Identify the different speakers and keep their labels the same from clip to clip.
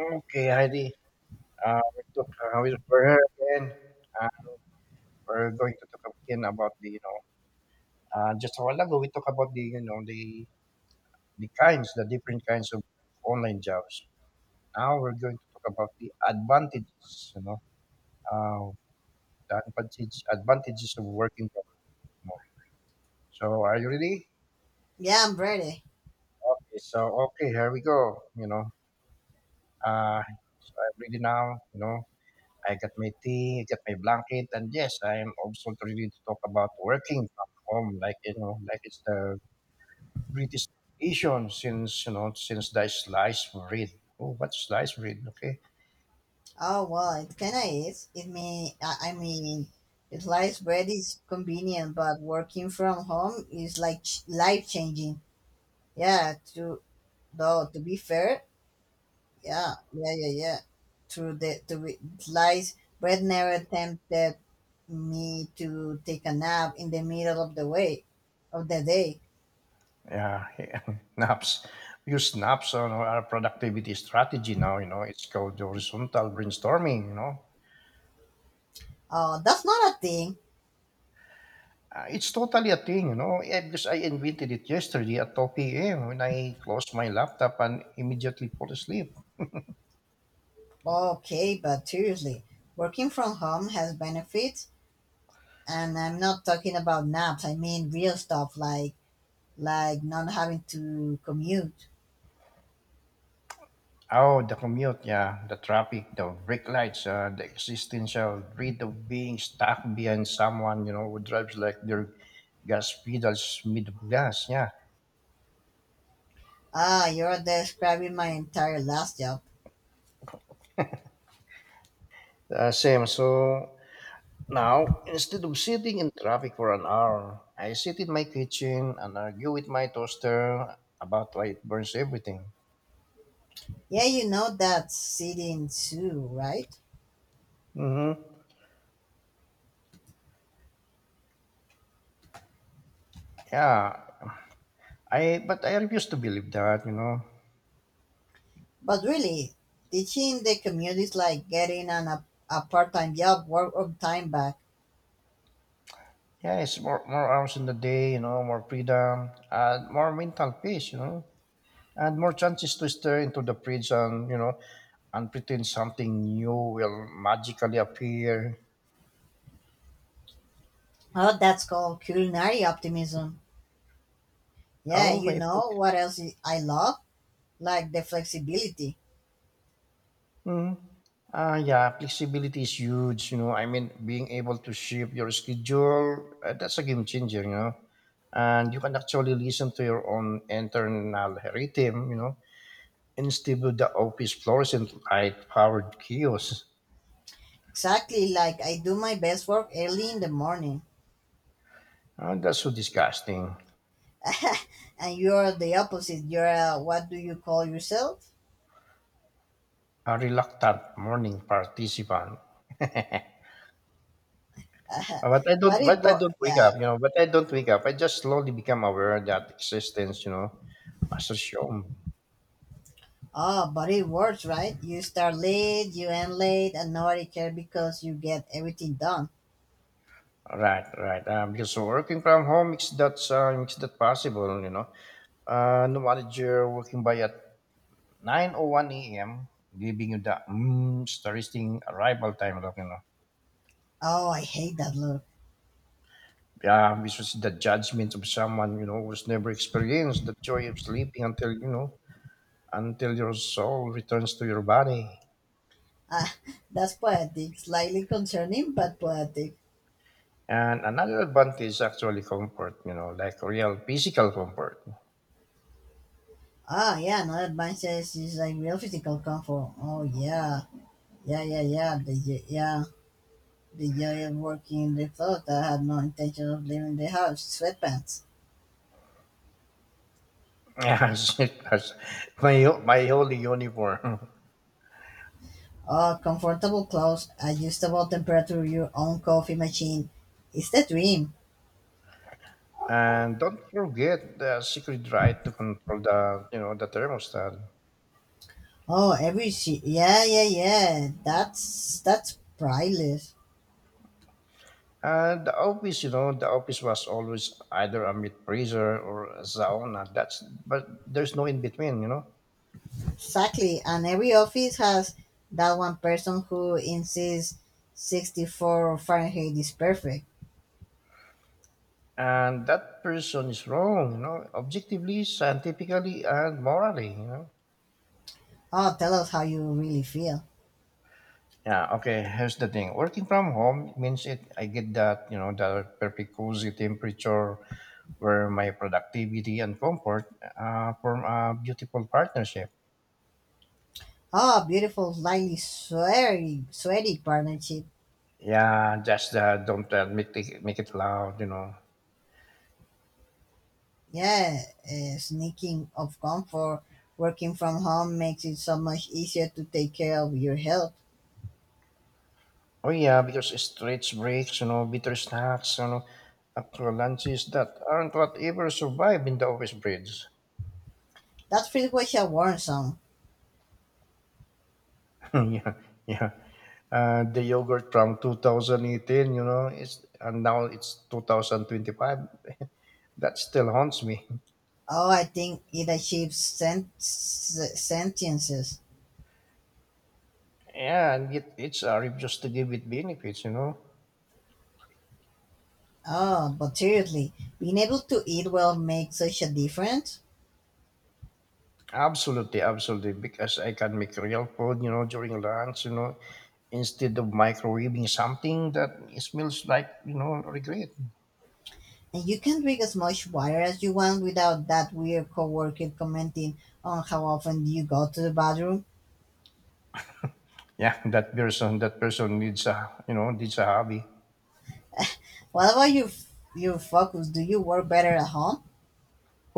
Speaker 1: Okay, Heidi. We took, we here again. Uh, we're going to talk again about you know, just a while ago we talked about you know, the different kinds of online jobs. Now we're going to talk about the advantages, you know, uh, the advantages of working from home. So, are you ready?
Speaker 2: Yeah, I'm ready.
Speaker 1: Okay, so okay, here we go. You know, uh, so I'm ready now. You know, I got my tea, I got my blanket, and yes, I am also ready to talk about working from home, like you know, like it's the greatest issue since you know since the slice bread. Oh, what slice bread? Okay,
Speaker 2: Oh well, it kinda is. It may I mean, it life bread is convenient, but working from home is like life changing. Yeah, to though to be fair, yeah, yeah, yeah, yeah. Through the to be Lies bread never tempted me to take a nap in the middle of the day.
Speaker 1: yeah. Naps. Use naps on our productivity strategy now. You know, it's called horizontal brainstorming. You know.
Speaker 2: Oh, that's not a thing.
Speaker 1: It's totally a thing, you know, because I invented it yesterday at 2 p.m. when I closed my laptop and immediately fall asleep.
Speaker 2: Okay, but seriously, working from home has benefits and I'm not talking about naps. I mean real stuff like not having to commute.
Speaker 1: Oh, the commute, yeah, the traffic, the brake lights, the existential dread of being stuck behind someone, you know, who drives like their gas pedals mid gas, yeah.
Speaker 2: Ah, you're describing my entire last job.
Speaker 1: Same. So now, instead of sitting in traffic for an hour, I sit in my kitchen and argue with my toaster about why it burns everything.
Speaker 2: Yeah, you know that sitting too, right?
Speaker 1: Mm-hmm. Yeah, I but I refuse to believe that, you know.
Speaker 2: But really, teaching the commute is like getting a part-time job, work on time back.
Speaker 1: Yeah, it's more hours in the day, you know, more freedom, and more mental peace, you know, and more chances to stir into the fridge and you know and pretend something new will magically appear.
Speaker 2: Oh, that's called culinary optimism. Yeah,
Speaker 1: Oh my
Speaker 2: you know
Speaker 1: god.
Speaker 2: what else I love? Like the flexibility.
Speaker 1: Mm. Ah, yeah, flexibility is huge. You know, I mean, being able to shift your schedule, that's a game changer, you know. And you can actually listen to your own internal rhythm, you know, instead of the office fluorescent light powered kiosks.
Speaker 2: Exactly, like I do my best work early in the morning,
Speaker 1: Ah, that's so disgusting.
Speaker 2: and you are the opposite. What do you call yourself?
Speaker 1: A reluctant morning participant. Uh, But I don't, but I don't wake
Speaker 2: Yeah.
Speaker 1: up, you know, but I don't wake up. I just slowly become aware that existence, you know, as a show.
Speaker 2: Oh, but it works, right? You start late, you end late, and nobody cares because you get everything done.
Speaker 1: Right, right. Because working from home makes that possible, you know. No manager working by at 9:01 a.m., giving you the starting arrival time, like, you know.
Speaker 2: Oh, I hate that look.
Speaker 1: Yeah, which was the judgment of someone, you know, who's never experienced the joy of sleeping until, you know, until your soul returns to your body.
Speaker 2: Ah, that's poetic. Slightly concerning, but poetic.
Speaker 1: And another advantage is actually comfort, you know, like real physical comfort.
Speaker 2: Ah, yeah. Another man says it's like real physical comfort. Oh, yeah, yeah, yeah, yeah. Yeah, the joy of working in the thought. I had no intention of leaving the house. Sweatpants.
Speaker 1: Yes, it has my holy uniform.
Speaker 2: Oh, comfortable clothes, adjustable temperature, your own coffee machine. It's the dream.
Speaker 1: And don't forget the secret right to control you know, the thermostat.
Speaker 2: Oh, yeah, yeah, yeah. That's priceless.
Speaker 1: And the office, you know, the office was always either a meat freezer or a sauna. That's, but there's no in between, you know.
Speaker 2: Exactly, and every office has that one person who insists 64°F Fahrenheit is perfect.
Speaker 1: And that person is wrong, you know, objectively, scientifically, and morally, you know.
Speaker 2: Oh, tell us how you really feel.
Speaker 1: Yeah, okay. Here's the thing. Working from home means it I get that, you know, the perfect cozy temperature where my productivity and comfort form a beautiful partnership.
Speaker 2: Oh, beautiful, slightly sweaty partnership.
Speaker 1: Yeah, just don't make it loud, you know.
Speaker 2: Yeah, sneaking of comfort, working from home makes it so much easier to take care of your health.
Speaker 1: Oh yeah, because stretch breaks, you know, bitter snacks, you know, actual lunches that aren't what ever survive in the office breeds.
Speaker 2: That feels was a warm song.
Speaker 1: Yeah, yeah. The yogurt from 2018, you know, it's and now it's 2025. That still haunts me.
Speaker 2: Oh, I think it achieves sentiences.
Speaker 1: Yeah, and it's a rip just to give it benefits, you know.
Speaker 2: Oh, but seriously, being able to eat well makes such a difference.
Speaker 1: Absolutely, absolutely. Because I can make real food, you know, during lunch, you know, instead of microwaving something that smells like, you know, regret.
Speaker 2: And you can drink as much water as you want without that weird coworker commenting on how often you go to the bathroom.
Speaker 1: Yeah, that person needs a, you know, needs a hobby.
Speaker 2: What about your focus? Do you work better at home?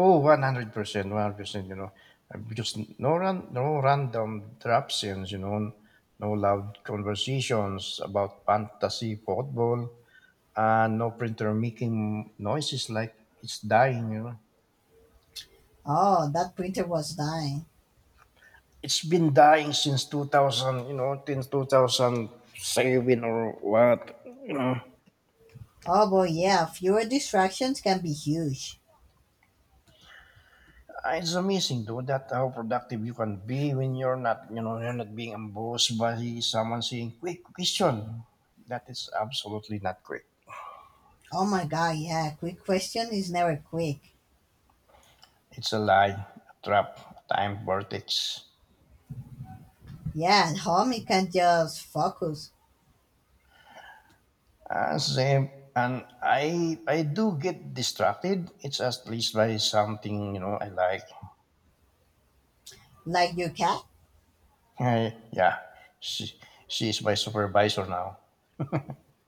Speaker 1: Oh, 100%, 100%, you know. Because no random drop-ins, you know, no loud conversations about fantasy football, and no printer making noises like it's dying, you know.
Speaker 2: Oh, that printer was dying.
Speaker 1: It's been dying since 2000, you know, since 2007 or what, you know.
Speaker 2: Oh boy, yeah, fewer distractions can be huge.
Speaker 1: It's amazing, though, that how productive you can be when you're not, you know, you're not being embossed by someone saying, quick question. That is absolutely not quick.
Speaker 2: Oh my god, yeah, quick question is never quick.
Speaker 1: It's a lie, a trap, a time vortex.
Speaker 2: Yeah, at home you can just focus.
Speaker 1: Same, and I do get distracted. It's at least by something you know I like.
Speaker 2: Like your cat?
Speaker 1: I, yeah, she, she is my supervisor now.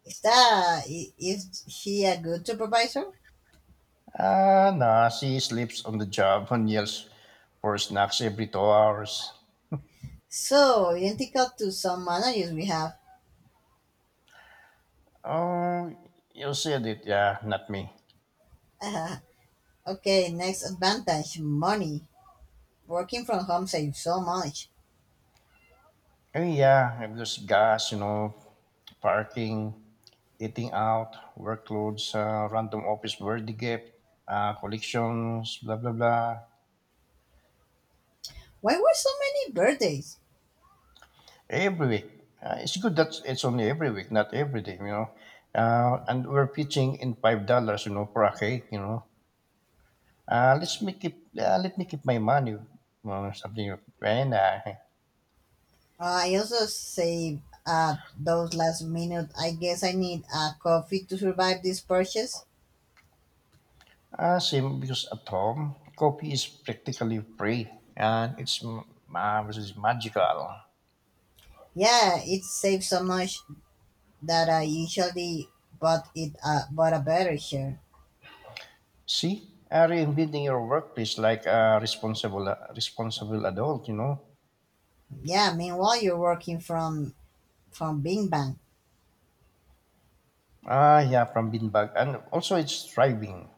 Speaker 2: Is he a good supervisor?
Speaker 1: Ah, nah, she sleeps on the job and yells for snacks every 2 hours.
Speaker 2: So identical to some managers we have.
Speaker 1: Oh, you said it, yeah, not me.
Speaker 2: Uh, okay, next advantage, money. Working from home saves so much.
Speaker 1: Oh, yeah, because gas, you know, parking, eating out, workloads, random office birthday gift, collections, blah, blah, blah.
Speaker 2: Why were so many birthdays?
Speaker 1: Every week. It's good that it's only every week, not every day, you know. And we're pitching in $5, you know, for a cake, you know. Let's make it. Let me keep my money or something, like that.
Speaker 2: I also save those last minute. I guess I need a coffee to survive this purchase.
Speaker 1: Same because at home, coffee is practically free, and which is magical.
Speaker 2: Yeah, it saves so much that I usually bought a better share.
Speaker 1: See, reinventing your workplace like a responsible, responsible adult. You know.
Speaker 2: Yeah, meanwhile you're working from Bing Bang.
Speaker 1: Ah, yeah, from beanbag, and also it's thriving.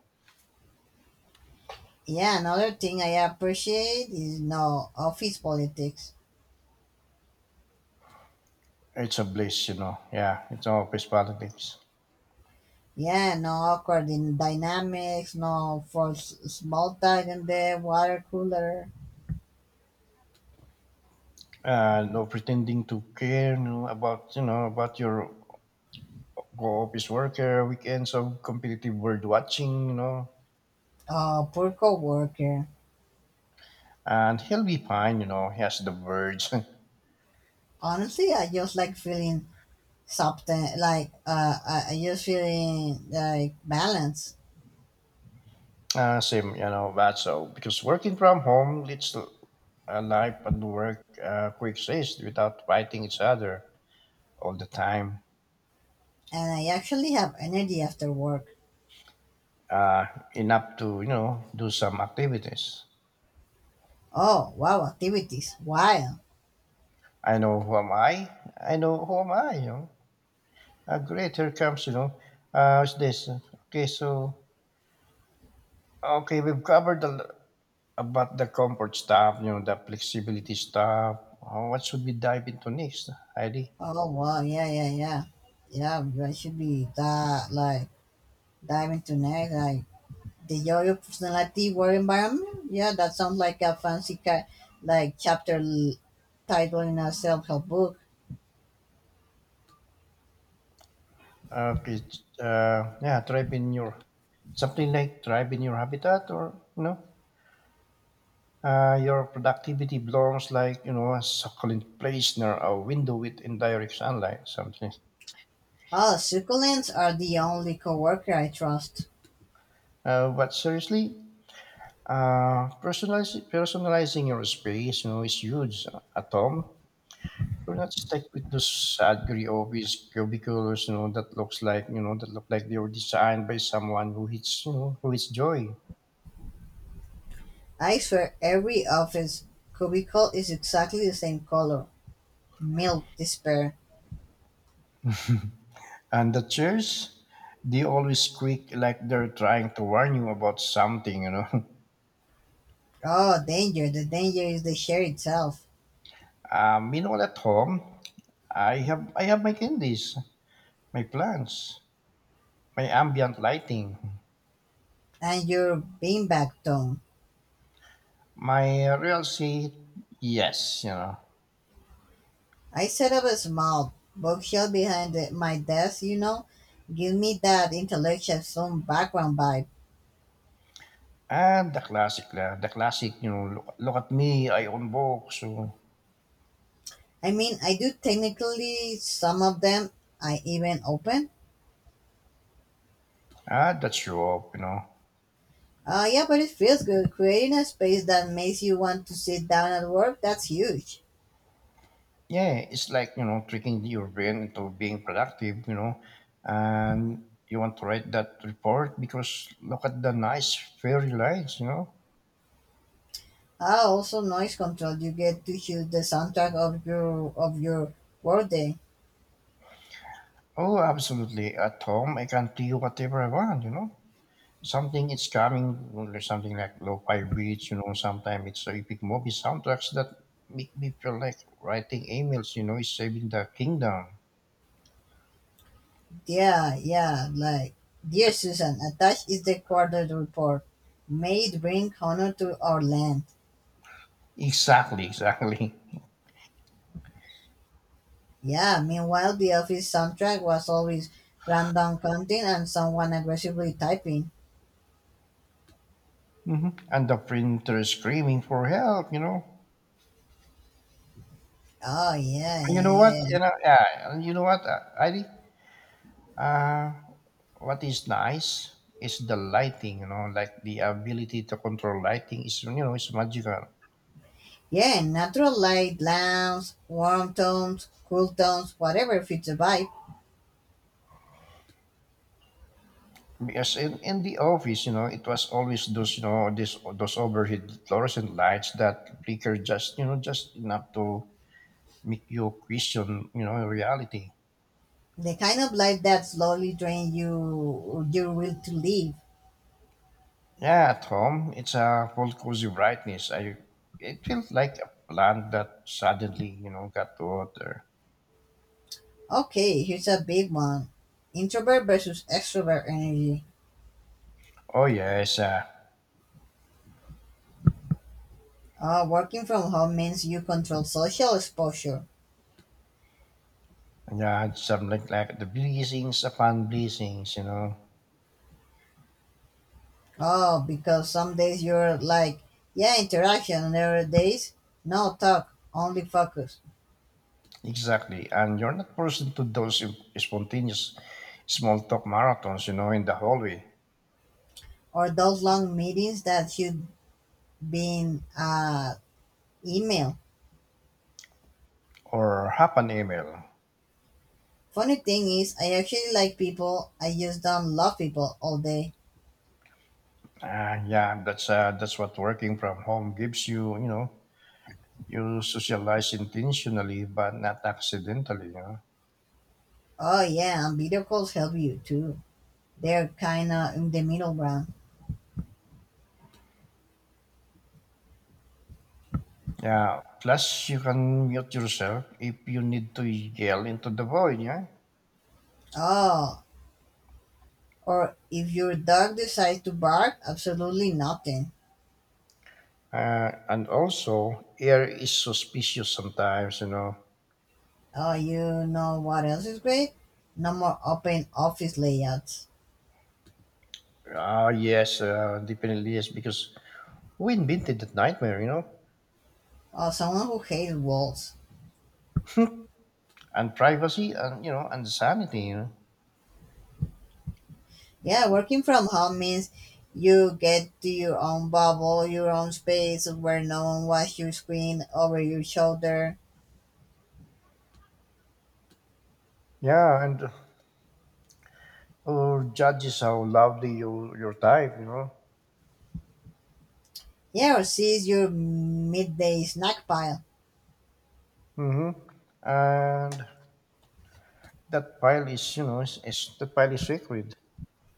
Speaker 2: Yeah, another thing I appreciate is no office politics.
Speaker 1: It's a bliss, you know. Yeah, it's all office politics.
Speaker 2: Yeah, no awkward in dynamics, no forced small talk in the water cooler.
Speaker 1: No pretending to care you know about your go office worker, weekends of competitive bird watching, you know,
Speaker 2: Poor coworker.
Speaker 1: and he'll be fine, you know, he has the birds.
Speaker 2: Honestly, I just like feeling something like I just feeling like balance.
Speaker 1: Same, you know, that so because working from home leads to a life and work coexist without fighting each other all the time.
Speaker 2: And I actually have energy after work.
Speaker 1: Uh, enough to you know do some activities.
Speaker 2: Oh, wow, activities. Wow.
Speaker 1: I know who am I. I know who am I. You know, great. Here comes you know. What's this? Okay, so okay, we've covered the about the comfort stuff, you know, the flexibility stuff, what should we dive into next, Heidi?
Speaker 2: Oh, wow, yeah, yeah, yeah. Yeah, I should be that, like, diving tonight, like, the joy of personality, work environment. Yeah, that sounds like a fancy, like, chapter title in a self-help book.
Speaker 1: Okay, it's, yeah, thrive in your, something like thrive in your habitat or, you know, your productivity belongs like, you know, a succulent place near a window with indirect sunlight, something.
Speaker 2: Oh, succulents are the only coworker I trust.
Speaker 1: But seriously, personalizing your space, you know, is huge at home. We're not stuck with those ugly office cubicles, you know, that looks like, you know, that look like they were designed by someone who hates, you know, who hates joy.
Speaker 2: I swear every office cubicle is exactly the same color. Milk despair.
Speaker 1: And the chairs, they always squeak like they're trying to warn you about something, you know.
Speaker 2: Oh, danger. The danger is the chair itself
Speaker 1: Meanwhile, at home, I have my candies, my plants, my ambient lighting,
Speaker 2: and your beanbag tone.
Speaker 1: my real seat. Yes, you know,
Speaker 2: I set up a small bookshelf behind my desk. Give me that intellectual some background vibe.
Speaker 1: and the classic, you know, look, look at me, I own books, so
Speaker 2: I mean, I do technically some of them I even open.
Speaker 1: ah, that's true. Up, you know,
Speaker 2: Yeah, but it feels good. Creating a space that makes you want to sit down at work, that's huge.
Speaker 1: yeah, it's like you know tricking your brain into being productive. You know, and you want to write that report because look at the nice fairy lights. You know.
Speaker 2: Ah, also noise control. You get to choose the soundtrack of your workday.
Speaker 1: Oh, absolutely. At home, I can do whatever I want. You know, something it's coming, or something like lo-fi beats. You know, sometimes it's epic movie soundtracks that make me feel like writing emails. You know, is saving the kingdom.
Speaker 2: Yeah, yeah, like, dear Susan, attached is the quarter report. May it bring honor to our land.
Speaker 1: Exactly. Exactly.
Speaker 2: Yeah, meanwhile, the office soundtrack was always random content and someone aggressively typing.
Speaker 1: Hmm. And the printer screaming for help, you know.
Speaker 2: Oh, yeah,
Speaker 1: And you
Speaker 2: yeah,
Speaker 1: know
Speaker 2: yeah,
Speaker 1: what? You
Speaker 2: yeah.
Speaker 1: know, yeah. And you know what, Ivy? Uh, what is nice is the lighting. You know, like the ability to control lighting is you know it's magical.
Speaker 2: Yeah, natural light, lamps, warm tones, cool tones, whatever fits the vibe.
Speaker 1: Because in the office, you know, it was always those you know this those overhead fluorescent lights that flicker just you know just enough to make you question you know reality.
Speaker 2: The kind of life that slowly drains you your will to live.
Speaker 1: Yeah, at home, it's a whole cozy brightness. I it feels like a plant that suddenly, you know, got water.
Speaker 2: Okay, here's a big one. Introvert versus extrovert energy.
Speaker 1: Oh yes,
Speaker 2: Ah, working from home means you control social exposure.
Speaker 1: yeah, it's something like the blessings upon blessings, you know.
Speaker 2: Oh, because some days you're like, yeah, interaction, and other days, no talk, only focus.
Speaker 1: Exactly, and you're not forced to those spontaneous small talk marathons, you know, in the hallway
Speaker 2: Or those long meetings that should be in email.
Speaker 1: or half an email.
Speaker 2: Funny thing is, I actually like people, I just don't love people all day.
Speaker 1: Yeah, that's what working from home gives you, you know. You socialize intentionally, but not accidentally, you know.
Speaker 2: Oh, yeah, and video calls help you too. They're kinda in the middle ground.
Speaker 1: Yeah. Plus, you can mute yourself if you need to yell into the void. Yeah.
Speaker 2: Oh, or if your dog decides to bark, absolutely nothing.
Speaker 1: And also, air is suspicious sometimes. You know.
Speaker 2: Oh, you know what else is great? No more open office layouts.
Speaker 1: Ah, yes, definitely yes, because we invented that nightmare. You know,
Speaker 2: Oh, someone who hates walls.
Speaker 1: and privacy, and you know, and sanity. You know.
Speaker 2: Yeah, working from home means you get to your own bubble, your own space where no one watches your screen over your shoulder.
Speaker 1: Yeah, and or judges how loudly you your type. You know.
Speaker 2: Yeah, or sees your midday snack pile.
Speaker 1: Mm-hmm. And that file is, you know, is that file is secret.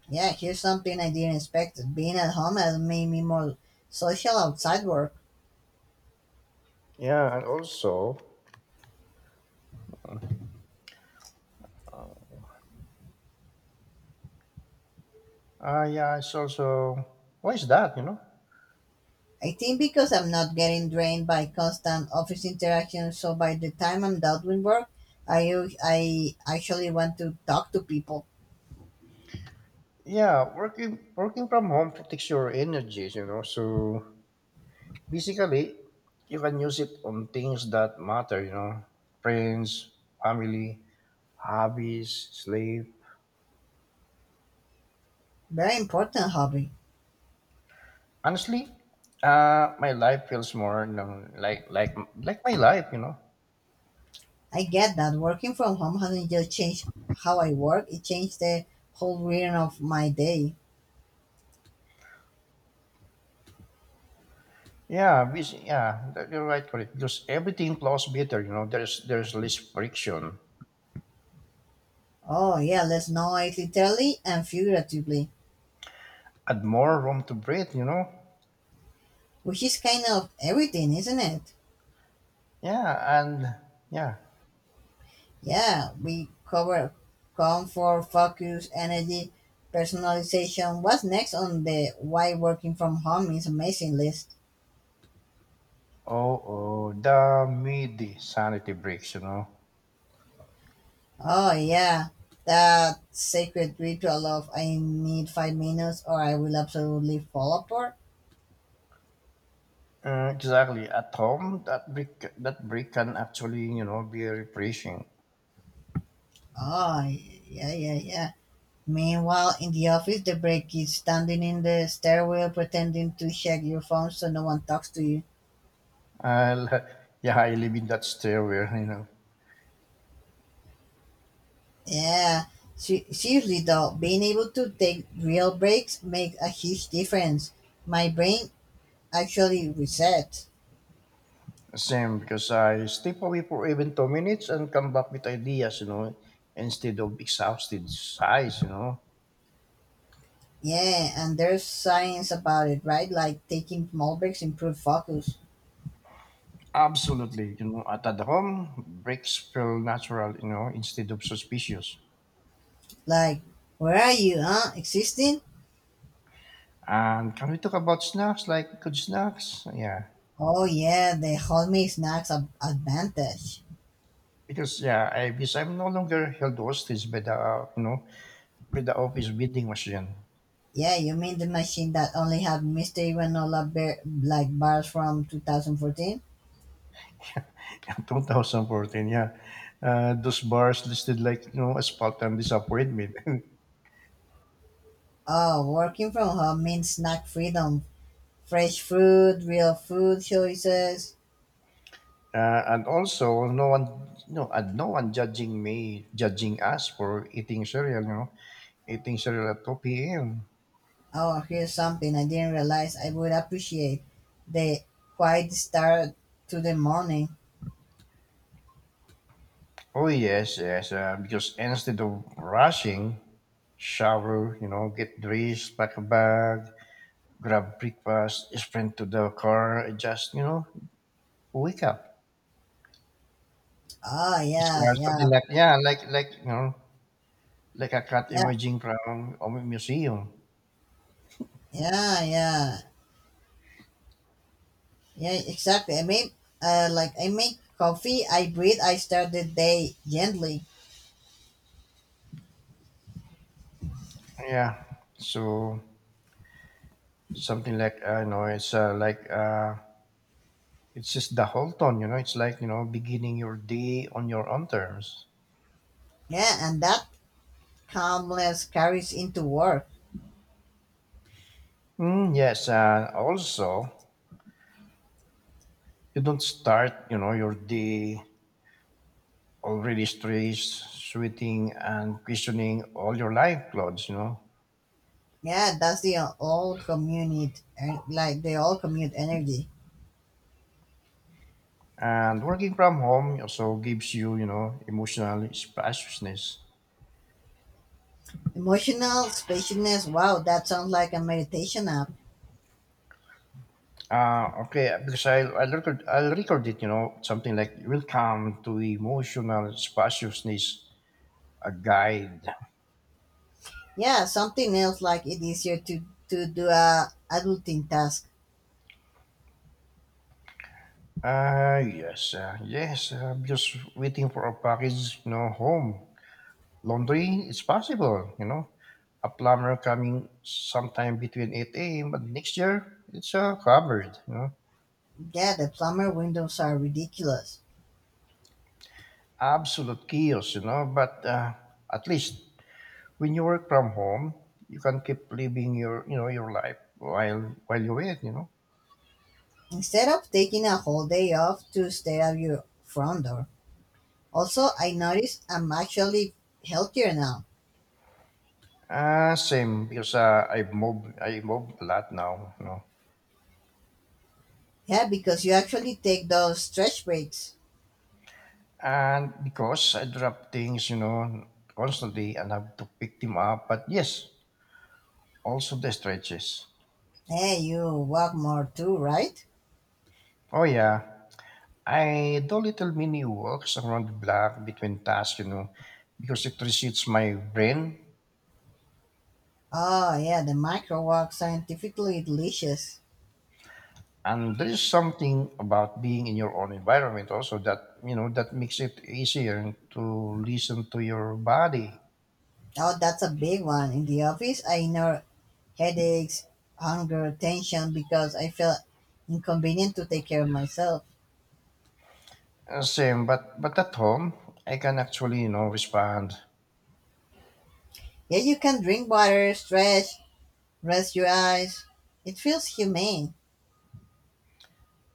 Speaker 2: Yeah, here's something I didn't expect. Being at home has made me more social outside work.
Speaker 1: Yeah, and also. Ah, yeah, it's also why is that? You know,
Speaker 2: I think because I'm not getting drained by constant office interaction, so by the time I'm done with work, I actually want to talk to people.
Speaker 1: yeah, working from home protects your energies. You know, so basically, you can use it on things that matter. You know, friends, family, hobbies, sleep.
Speaker 2: Very important hobby.
Speaker 1: Honestly, my life feels more you know, like my life. You know,
Speaker 2: I get that working from home hasn't just changed how I work; it changed the whole rhythm of my day.
Speaker 1: yeah, busy, yeah, you're right, correct. Because everything flows better. You know, there's less friction
Speaker 2: Oh yeah, let's know it literally and figuratively,
Speaker 1: and more room to breathe. You know.
Speaker 2: which is kind of everything, isn't it?
Speaker 1: Yeah, and yeah.
Speaker 2: Yeah, we covered comfort, focus, energy, personalization. What's next on the why working from home is amazing list?
Speaker 1: Oh, oh, the midi sanity breaks, you know.
Speaker 2: Oh, yeah, that sacred ritual of I need 5 minutes or I will absolutely fall apart.
Speaker 1: Exactly. At home, that break can actually, you know, be refreshing.
Speaker 2: Oh, yeah, yeah, yeah. Meanwhile, in the office, the break is standing in the stairwell pretending to check your phone so no one talks to you.
Speaker 1: I'll, yeah, I live in that stairwell, you know.
Speaker 2: Yeah, seriously though, being able to take real breaks makes a huge difference. My brain actually resets.
Speaker 1: Same, because I step away for even 2 minutes and come back with ideas, instead of exhausted sighs.
Speaker 2: Yeah, and there's science about it, right? Like taking small breaks improve focus.
Speaker 1: Absolutely, at home, breaks feel natural, instead of suspicious.
Speaker 2: Like, where are you, huh? Existing?
Speaker 1: Can we talk about snacks, like good snacks? Yeah,
Speaker 2: Oh yeah, the hold me snacks advantage.
Speaker 1: because I because I'm no longer held hostage by the by the office vending machine.
Speaker 2: Yeah, you mean the machine that only had mystery granola like bars from 2014?
Speaker 1: 2014, yeah. Those bars listed like asphalt and disappointment,
Speaker 2: Oh, working from home means snack freedom fresh food, real food choices.
Speaker 1: and also no one judging us for eating cereal, eating cereal at 2 p.m.
Speaker 2: Oh, here's something I didn't realize I would appreciate the quiet start to the morning.
Speaker 1: Oh yes, yes, because instead of rushing, shower, get dressed, pack a bag, grab breakfast, sprint to the car, and just wake up.
Speaker 2: Oh,
Speaker 1: It's
Speaker 2: yeah,
Speaker 1: something
Speaker 2: yeah,
Speaker 1: like yeah, like like a cat
Speaker 2: yeah,
Speaker 1: emerging from a museum.
Speaker 2: yeah, yeah, yeah, exactly. I mean, like I make coffee, I breathe, I start the day gently.
Speaker 1: Yeah, so something like I know it's it's just the whole tone. It's like beginning your day on your own terms.
Speaker 2: Yeah, and that calmness carries into work.
Speaker 1: Mm, yes, and also you don't start, your day already stressed, sweating, and questioning all your life clothes.
Speaker 2: Yeah, that's the old commute, like the old commute energy.
Speaker 1: And working from home also gives you, emotional spaciousness.
Speaker 2: Emotional spaciousness. Wow, that sounds like a meditation app.
Speaker 1: Okay, because I'll record it, you know, something like welcome to emotional spaciousness, a guide.
Speaker 2: Yeah, something else like it easier to do a adulting task.
Speaker 1: Ah, yes, yes, I'm just waiting for a package, home. Laundry, it's possible. A plumber coming sometime between 8 a.m., but next year, it's uh, covered.
Speaker 2: Yeah, the plumber windows are ridiculous.
Speaker 1: Absolute chaos, but at least when you work from home, you can keep living your life while you wait.
Speaker 2: Instead of taking a whole day off to stay at your front door. Also, I notice I'm actually healthier now.
Speaker 1: Ah, same because I've moved a lot now.
Speaker 2: Yeah, because you actually take those stretch breaks.
Speaker 1: And because I drop things constantly and have to pick them up. But yes, also the stretches.
Speaker 2: Hey, you walk more too, right?
Speaker 1: Oh yeah, I do little mini walks around the block between tasks. Because it resets my brain.
Speaker 2: Oh yeah, the micro walk scientifically delicious.
Speaker 1: And there is something about being in your own environment also that, that makes it easier to listen to your body.
Speaker 2: Oh, that's a big one. In the office, I know, headaches, hunger, tension because I felt inconvenient to take care of myself.
Speaker 1: Same, but at home, I can actually, respond.
Speaker 2: Yeah, you can drink water, stretch, rest your eyes. It feels humane.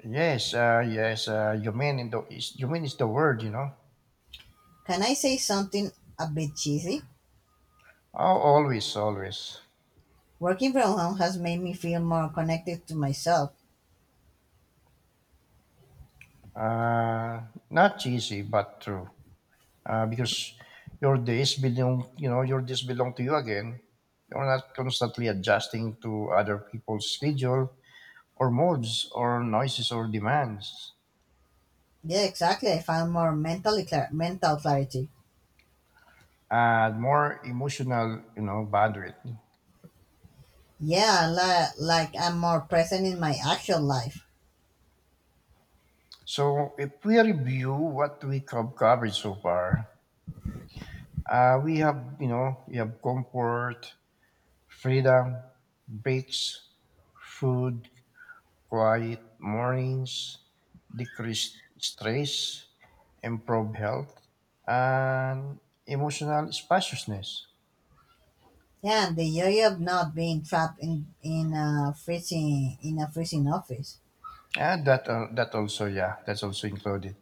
Speaker 1: Yes, yes, you mean in the is, you mean is the word, you know.
Speaker 2: Can I say something a bit cheesy?
Speaker 1: Oh, always, always.
Speaker 2: Working from home has made me feel more connected to myself.
Speaker 1: Uh, Not cheesy, but true. Because your days belong to you again. You're not constantly adjusting to other people's schedule or moods or noises or demands,
Speaker 2: Yeah, exactly. I found more mentally mental clarity.
Speaker 1: and more emotional bandwidth.
Speaker 2: Yeah, like I'm more present in my actual life.
Speaker 1: So if we review what we have covered so far, we have we have comfort, freedom, breaks, food, quiet mornings, decreased stress, improved health, and emotional spaciousness.
Speaker 2: Yeah, the joy of not being trapped in a freezing office.
Speaker 1: And that that also yeah that's also included.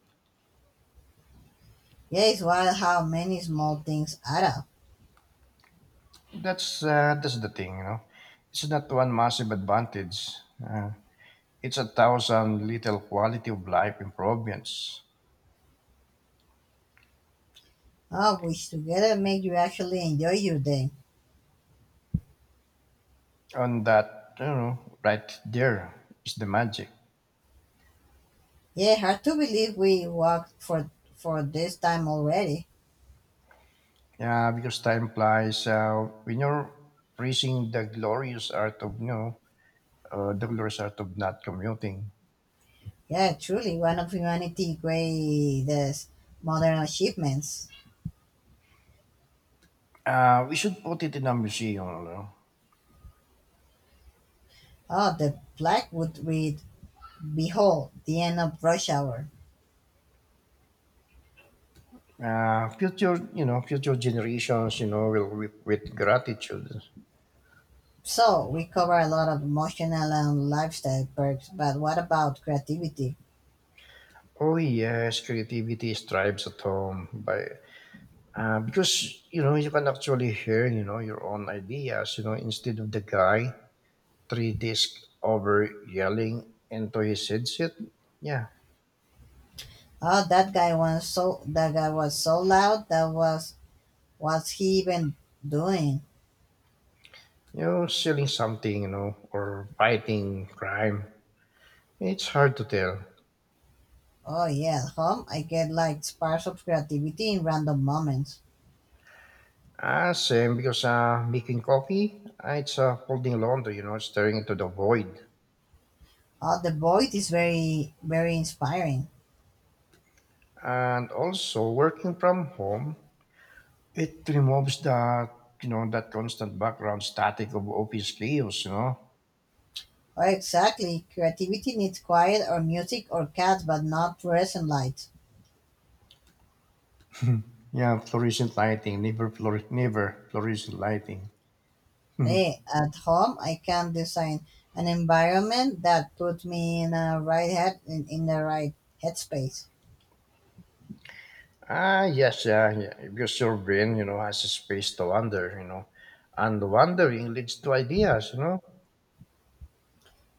Speaker 2: Yeah, it's wild how many small things add up.
Speaker 1: That's the thing, you know. It's not one massive advantage. Uh, it's a thousand little quality of life improvements.
Speaker 2: Oh, which together make you actually enjoy your day.
Speaker 1: And that, right there is the magic.
Speaker 2: Yeah, hard to believe we walked for this time already.
Speaker 1: Yeah, because time flies. When you're praising the glorious art of, you know, the glorious art of not commuting,
Speaker 2: Yeah, truly one of humanity's greatest modern achievements.
Speaker 1: we should put it in a museum. You
Speaker 2: Oh, the Blackwood read Behold, the end of rush hour.
Speaker 1: know? uh, future, you know, future generations, will weep with gratitude.
Speaker 2: So we cover a lot of emotional and lifestyle perks, but what about creativity?
Speaker 1: Oh yes, creativity strives at home by because you can actually hear your own ideas instead of the guy three disc over yelling into his headset. Yeah,
Speaker 2: Oh, that guy was so loud. That was What's he even doing?
Speaker 1: selling something or fighting crime. It's hard to tell.
Speaker 2: Oh yeah, at home I get like sparks of creativity in random moments.
Speaker 1: Ah, same because making coffee, ah, it's folding laundry, staring into the void,
Speaker 2: Oh, the void is very very inspiring.
Speaker 1: and also working from home. It removes the that constant background static of office chaos.
Speaker 2: Oh, exactly. Creativity needs quiet or music or cats, but not fluorescent lights.
Speaker 1: Yeah, fluorescent lighting, never fluorescent lighting. Mhm.
Speaker 2: Hey, at home I can design an environment that puts me in the right headspace.
Speaker 1: Ah, yes, yeah, yeah, because your brain, has a space to wander. And wandering leads to ideas.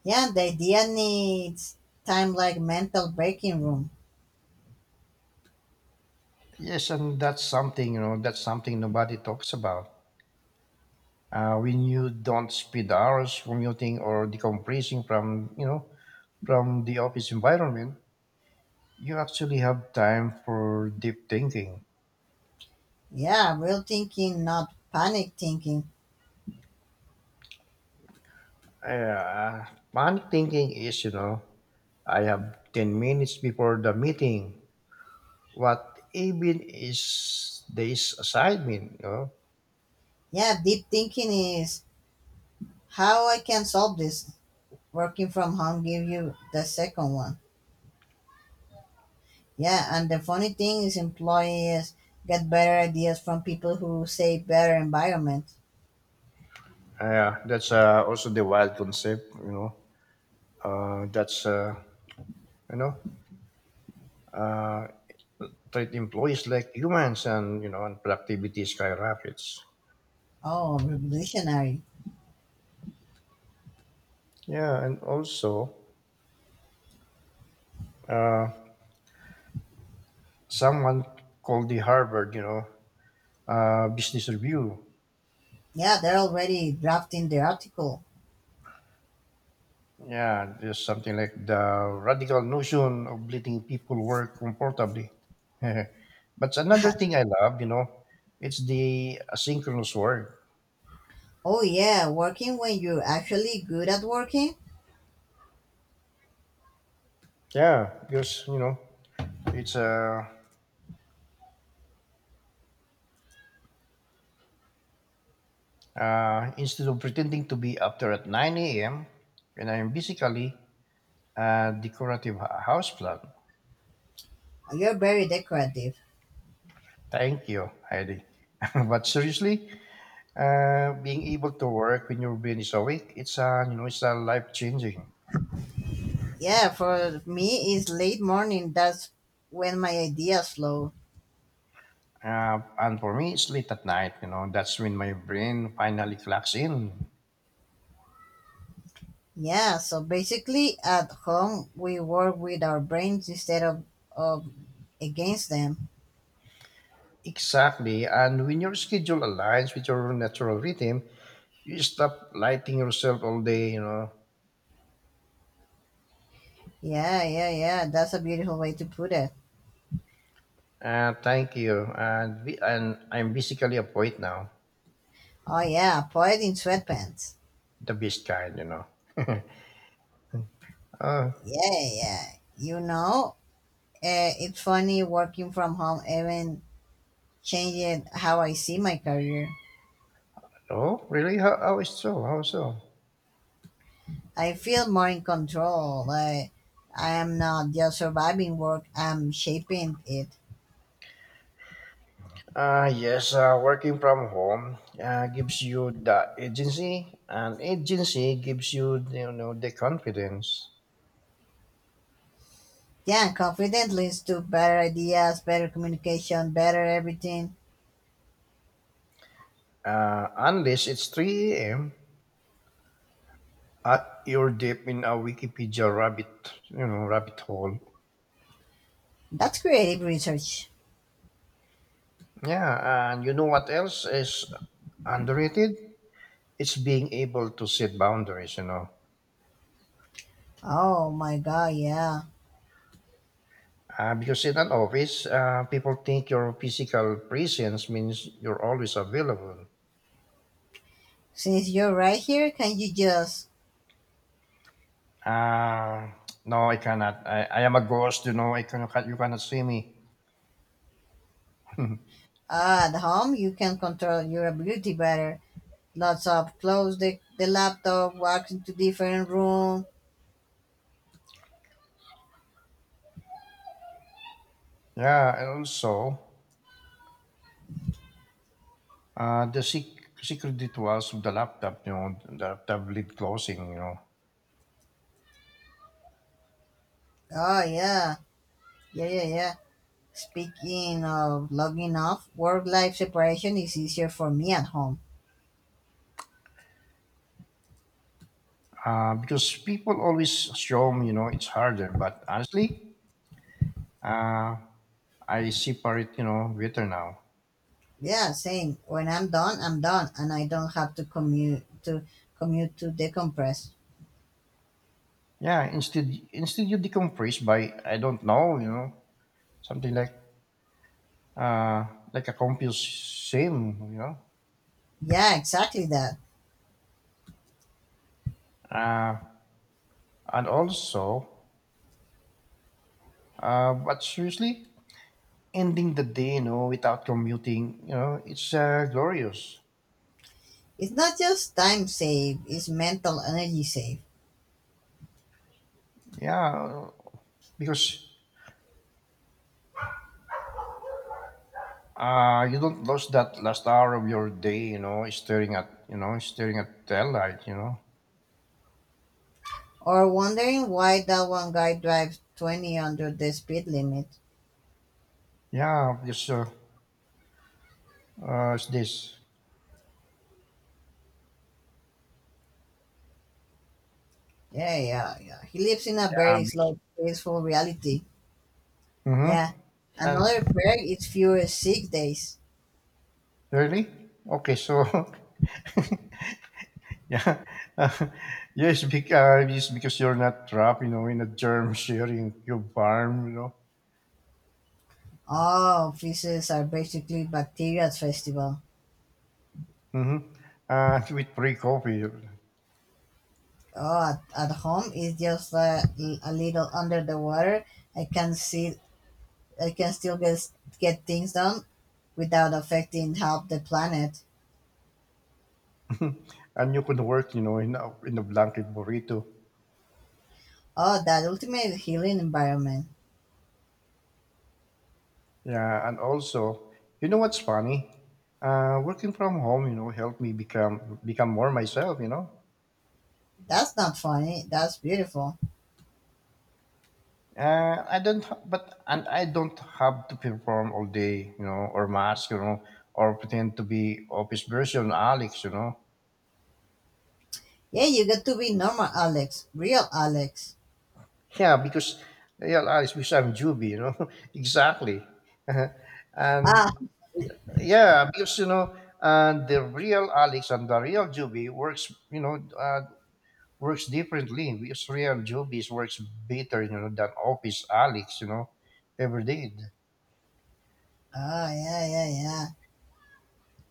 Speaker 2: Yeah, the idea needs time like mental breaking room.
Speaker 1: Yes, and that's something. That's something nobody talks about. When you don't spend hours commuting or decompressing from from the office environment. You actually have time for deep thinking.
Speaker 2: Yeah, real thinking, not panic thinking.
Speaker 1: Uh, Panic thinking is, I have 10 minutes before the meeting. What even is this assignment, you know?
Speaker 2: Yeah, deep thinking is how I can solve this. Working from home give you the second one. Yeah, and the funny thing is employees get better ideas from people who say better environment.
Speaker 1: Yeah, that's also the wild concept, you know. Uh, that's, uh, you know, uh, Treat employees like humans and, and productivity skyrockets.
Speaker 2: Oh, revolutionary.
Speaker 1: Yeah, and also, uh, someone called the Harvard, Business Review.
Speaker 2: Yeah, they're already drafting the article.
Speaker 1: Yeah, just something like the radical notion of letting people work comfortably. But another thing I love, it's the asynchronous work.
Speaker 2: oh yeah, working when you're actually good at working,
Speaker 1: Yeah, because it's instead of pretending to be up there at 9 a.m. and I'm basically a decorative houseplant.
Speaker 2: you're very decorative.
Speaker 1: Thank you, Heidi. But seriously, being able to work when your brain is awake, it's it's life changing.
Speaker 2: Yeah, for me it's late morning. That's when my ideas flow.
Speaker 1: And for me, it's late at night. That's when my brain finally clocks in.
Speaker 2: Yeah, so basically at home we work with our brains instead of against them.
Speaker 1: Exactly. And when your schedule aligns with your natural rhythm, you stop lighting yourself all day. You know.
Speaker 2: Yeah, yeah, yeah. That's a beautiful way to put it.
Speaker 1: Thank you. And we, and I'm basically a poet now,
Speaker 2: Oh yeah, poet in sweatpants.
Speaker 1: the best kind. You know. Uh,
Speaker 2: Yeah, yeah. You know, it's funny working from home even changed how I see my career.
Speaker 1: oh, really? How is so? How so?
Speaker 2: I feel more in control. I am not just surviving work, I'm shaping it.
Speaker 1: Yes, working from home gives you the agency, and agency gives you, the confidence.
Speaker 2: Yeah, confidence leads to better ideas, better communication, better everything.
Speaker 1: Unless it's 3 a.m. at you're deep in a Wikipedia rabbit hole.
Speaker 2: That's creative research.
Speaker 1: Yeah, and you know what else is underrated? It's being able to set boundaries, you know.
Speaker 2: Oh my god, yeah.
Speaker 1: Because in an office, people think your physical presence means you're always available.
Speaker 2: Since you're right here, can you just.
Speaker 1: Uh, no, I cannot. I am a ghost, you know. I cannot, you cannot see me.
Speaker 2: At home, you can control your ability better. Lots of close the laptop, walk into different room.
Speaker 1: Yeah, and also, the secret rituals of the laptop, the laptop lid closing, you know,
Speaker 2: Oh, yeah. Yeah, yeah, yeah. Speaking of logging off, work life separation is easier for me at home.
Speaker 1: because people always assume, it's harder. But honestly, uh, I separate, better now.
Speaker 2: Yeah, same. When I'm done, and I don't have to commute to decompress.
Speaker 1: Yeah, instead you decompress by, I don't know, something uh, like a computer sim, you know,
Speaker 2: Yeah, exactly that.
Speaker 1: uh, and also, but seriously, ending the day, without commuting, it's glorious.
Speaker 2: It's not just time save; it's mental energy save.
Speaker 1: Yeah, because you don't lose that last hour of your day staring at tail light you know.
Speaker 2: Or wondering why that one guy drives 20 under the speed limit.
Speaker 1: Yeah because it's this
Speaker 2: Yeah, yeah, yeah. He lives in a
Speaker 1: Yeah.
Speaker 2: very slow, peaceful reality. Yeah.
Speaker 1: Mm-hmm. and
Speaker 2: Another perk is fewer sick days.
Speaker 1: really okay so Yeah, uh, yes because, it's because you're not trapped in a germ sharing cube farm you know.
Speaker 2: Oh, offices are basically bacteria's festival.
Speaker 1: Mm-hmm. With free coffee.
Speaker 2: Oh, at home it's just a little under the water. I can see I can still get things done without affecting half the planet.
Speaker 1: And you could work in a blanket burrito.
Speaker 2: Oh, that ultimate healing environment.
Speaker 1: Yeah, and also, you know what's funny? Working from home, helped me become more myself. You know,
Speaker 2: That's not funny. That's beautiful.
Speaker 1: I don't, ha- but and I don't have to perform all day, or mask, or pretend to be office version Alex, you know.
Speaker 2: Yeah, you got to be normal, Alex. Real Alex.
Speaker 1: Yeah, because yeah, Alex, because I'm Juby, you know, exactly. And
Speaker 2: Ah,
Speaker 1: yeah, because and the real Alex and the real Juby works, works differently. We Israel Jobis works better, than Office Alex, ever did.
Speaker 2: oh yeah, yeah, yeah.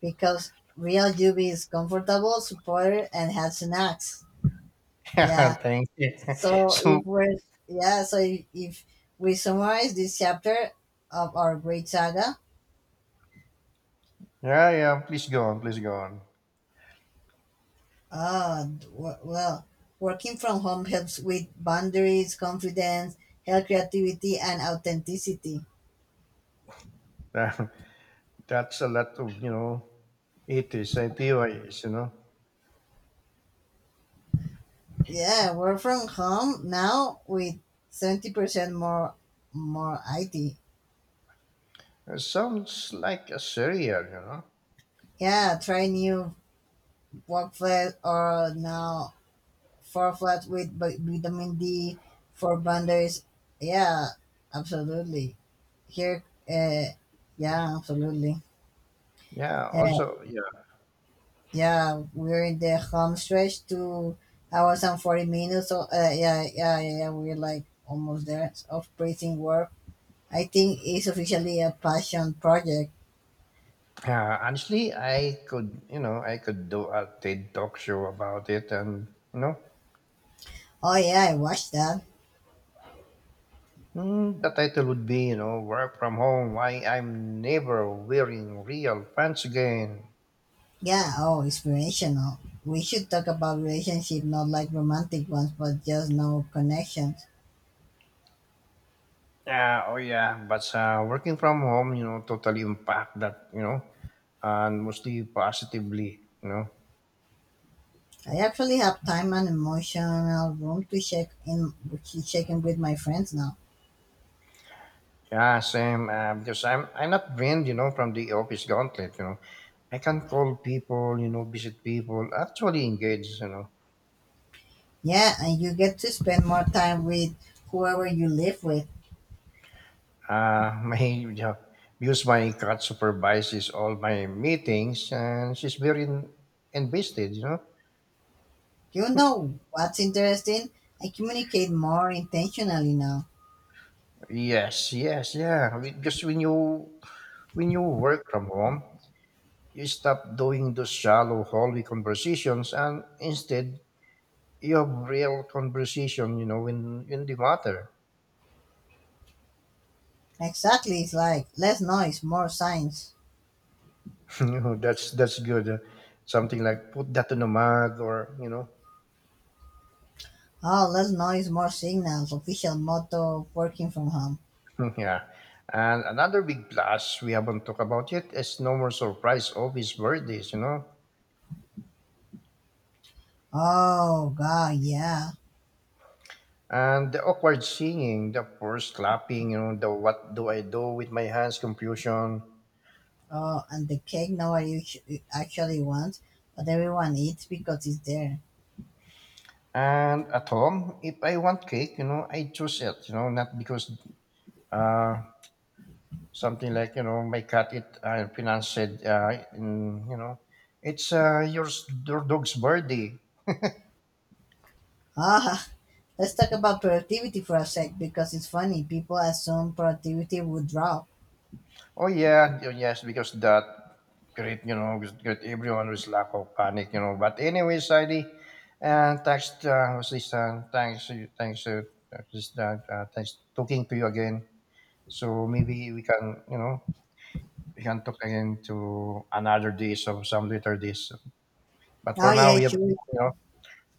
Speaker 2: Because real Yubi is comfortable, supported, and has snacks. Yeah,
Speaker 1: Thank you.
Speaker 2: So
Speaker 1: So
Speaker 2: if we're yeah, so if we summarize this chapter of our great saga,
Speaker 1: yeah, yeah. Please go on. Please go on.
Speaker 2: well, working from home helps with boundaries, confidence, health, creativity, and authenticity.
Speaker 1: That- That's a lot of it is ITYs, you know.
Speaker 2: Yeah, work from home now with 70% more IT.
Speaker 1: It sounds like a serial, you know.
Speaker 2: Yeah, try new work flat or now four flat with vitamin D for boundaries. Yeah, absolutely. Here, uh, yeah, absolutely.
Speaker 1: Yeah.
Speaker 2: Uh,
Speaker 1: Also, yeah.
Speaker 2: yeah, we're in the home stretch, 2 hours and 40 minutes. So, yeah, yeah, yeah, yeah, we're like almost there of breathing work. I think it's officially a passion project.
Speaker 1: Honestly, I could, I could do a TED talk show about it, and you know.
Speaker 2: Oh, yeah, I watched that.
Speaker 1: Mm, the title would be, Work From Home, Why I'm Never Wearing Real Pants Again.
Speaker 2: Yeah, oh, inspirational. We should talk about relationship, not like romantic ones, but just no connections.
Speaker 1: Yeah, oh yeah, but working from home, totally impact that, and mostly positively, you know.
Speaker 2: I actually have time and emotional room to check in with my friends now.
Speaker 1: Yeah, same, because I'm not drained, from the office gauntlet, you know. I can call people, visit people, actually engage, you know.
Speaker 2: Yeah, and you get to spend more time with whoever you live with.
Speaker 1: My job, because my cat supervises all my meetings, and she's very invested. You know.
Speaker 2: You know what's interesting? I communicate more intentionally now.
Speaker 1: Yes, yes, yeah. Because when you work from home, you stop doing those shallow hallway conversations, and instead you have real conversation. You know, in the matter.
Speaker 2: Exactly, it's like less noise, more signs.
Speaker 1: You know, that's good. Something like put that in a mug, or you know.
Speaker 2: Oh, less noise, more signals. Official motto of working from home.
Speaker 1: Yeah. And another big plus we haven't talked about yet is no more surprise office birthdays, you know?
Speaker 2: Oh, God, yeah.
Speaker 1: And the awkward singing, the forced clapping, the what do I do with my hands confusion.
Speaker 2: Oh, and the cake nobody actually wants, but everyone eats because it's there.
Speaker 1: And at home, if I want cake, I choose it, not because uh, something like, my cat it financed, it's your dog's birthday.
Speaker 2: Ah, let's talk about productivity for a sec because it's funny. People assume productivity would drop.
Speaker 1: Oh yeah, yes, because that great, great everyone was lack of panic, you know. But anyway, Sadie, and thanks, sister. Thanks, thanks, sister. Thanks talking to you again. So maybe we can, we can talk again to another days or some later days. But for
Speaker 2: Oh
Speaker 1: now,
Speaker 2: yeah,
Speaker 1: we have,
Speaker 2: sure.
Speaker 1: you know,
Speaker 2: Sure.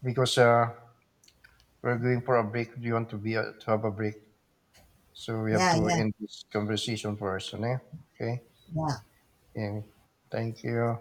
Speaker 1: because we're going for a break. We want to be to have a break, so we have
Speaker 2: Yeah,
Speaker 1: to
Speaker 2: yeah,
Speaker 1: end this conversation first, okay? Okay.
Speaker 2: yeah.
Speaker 1: And thank you.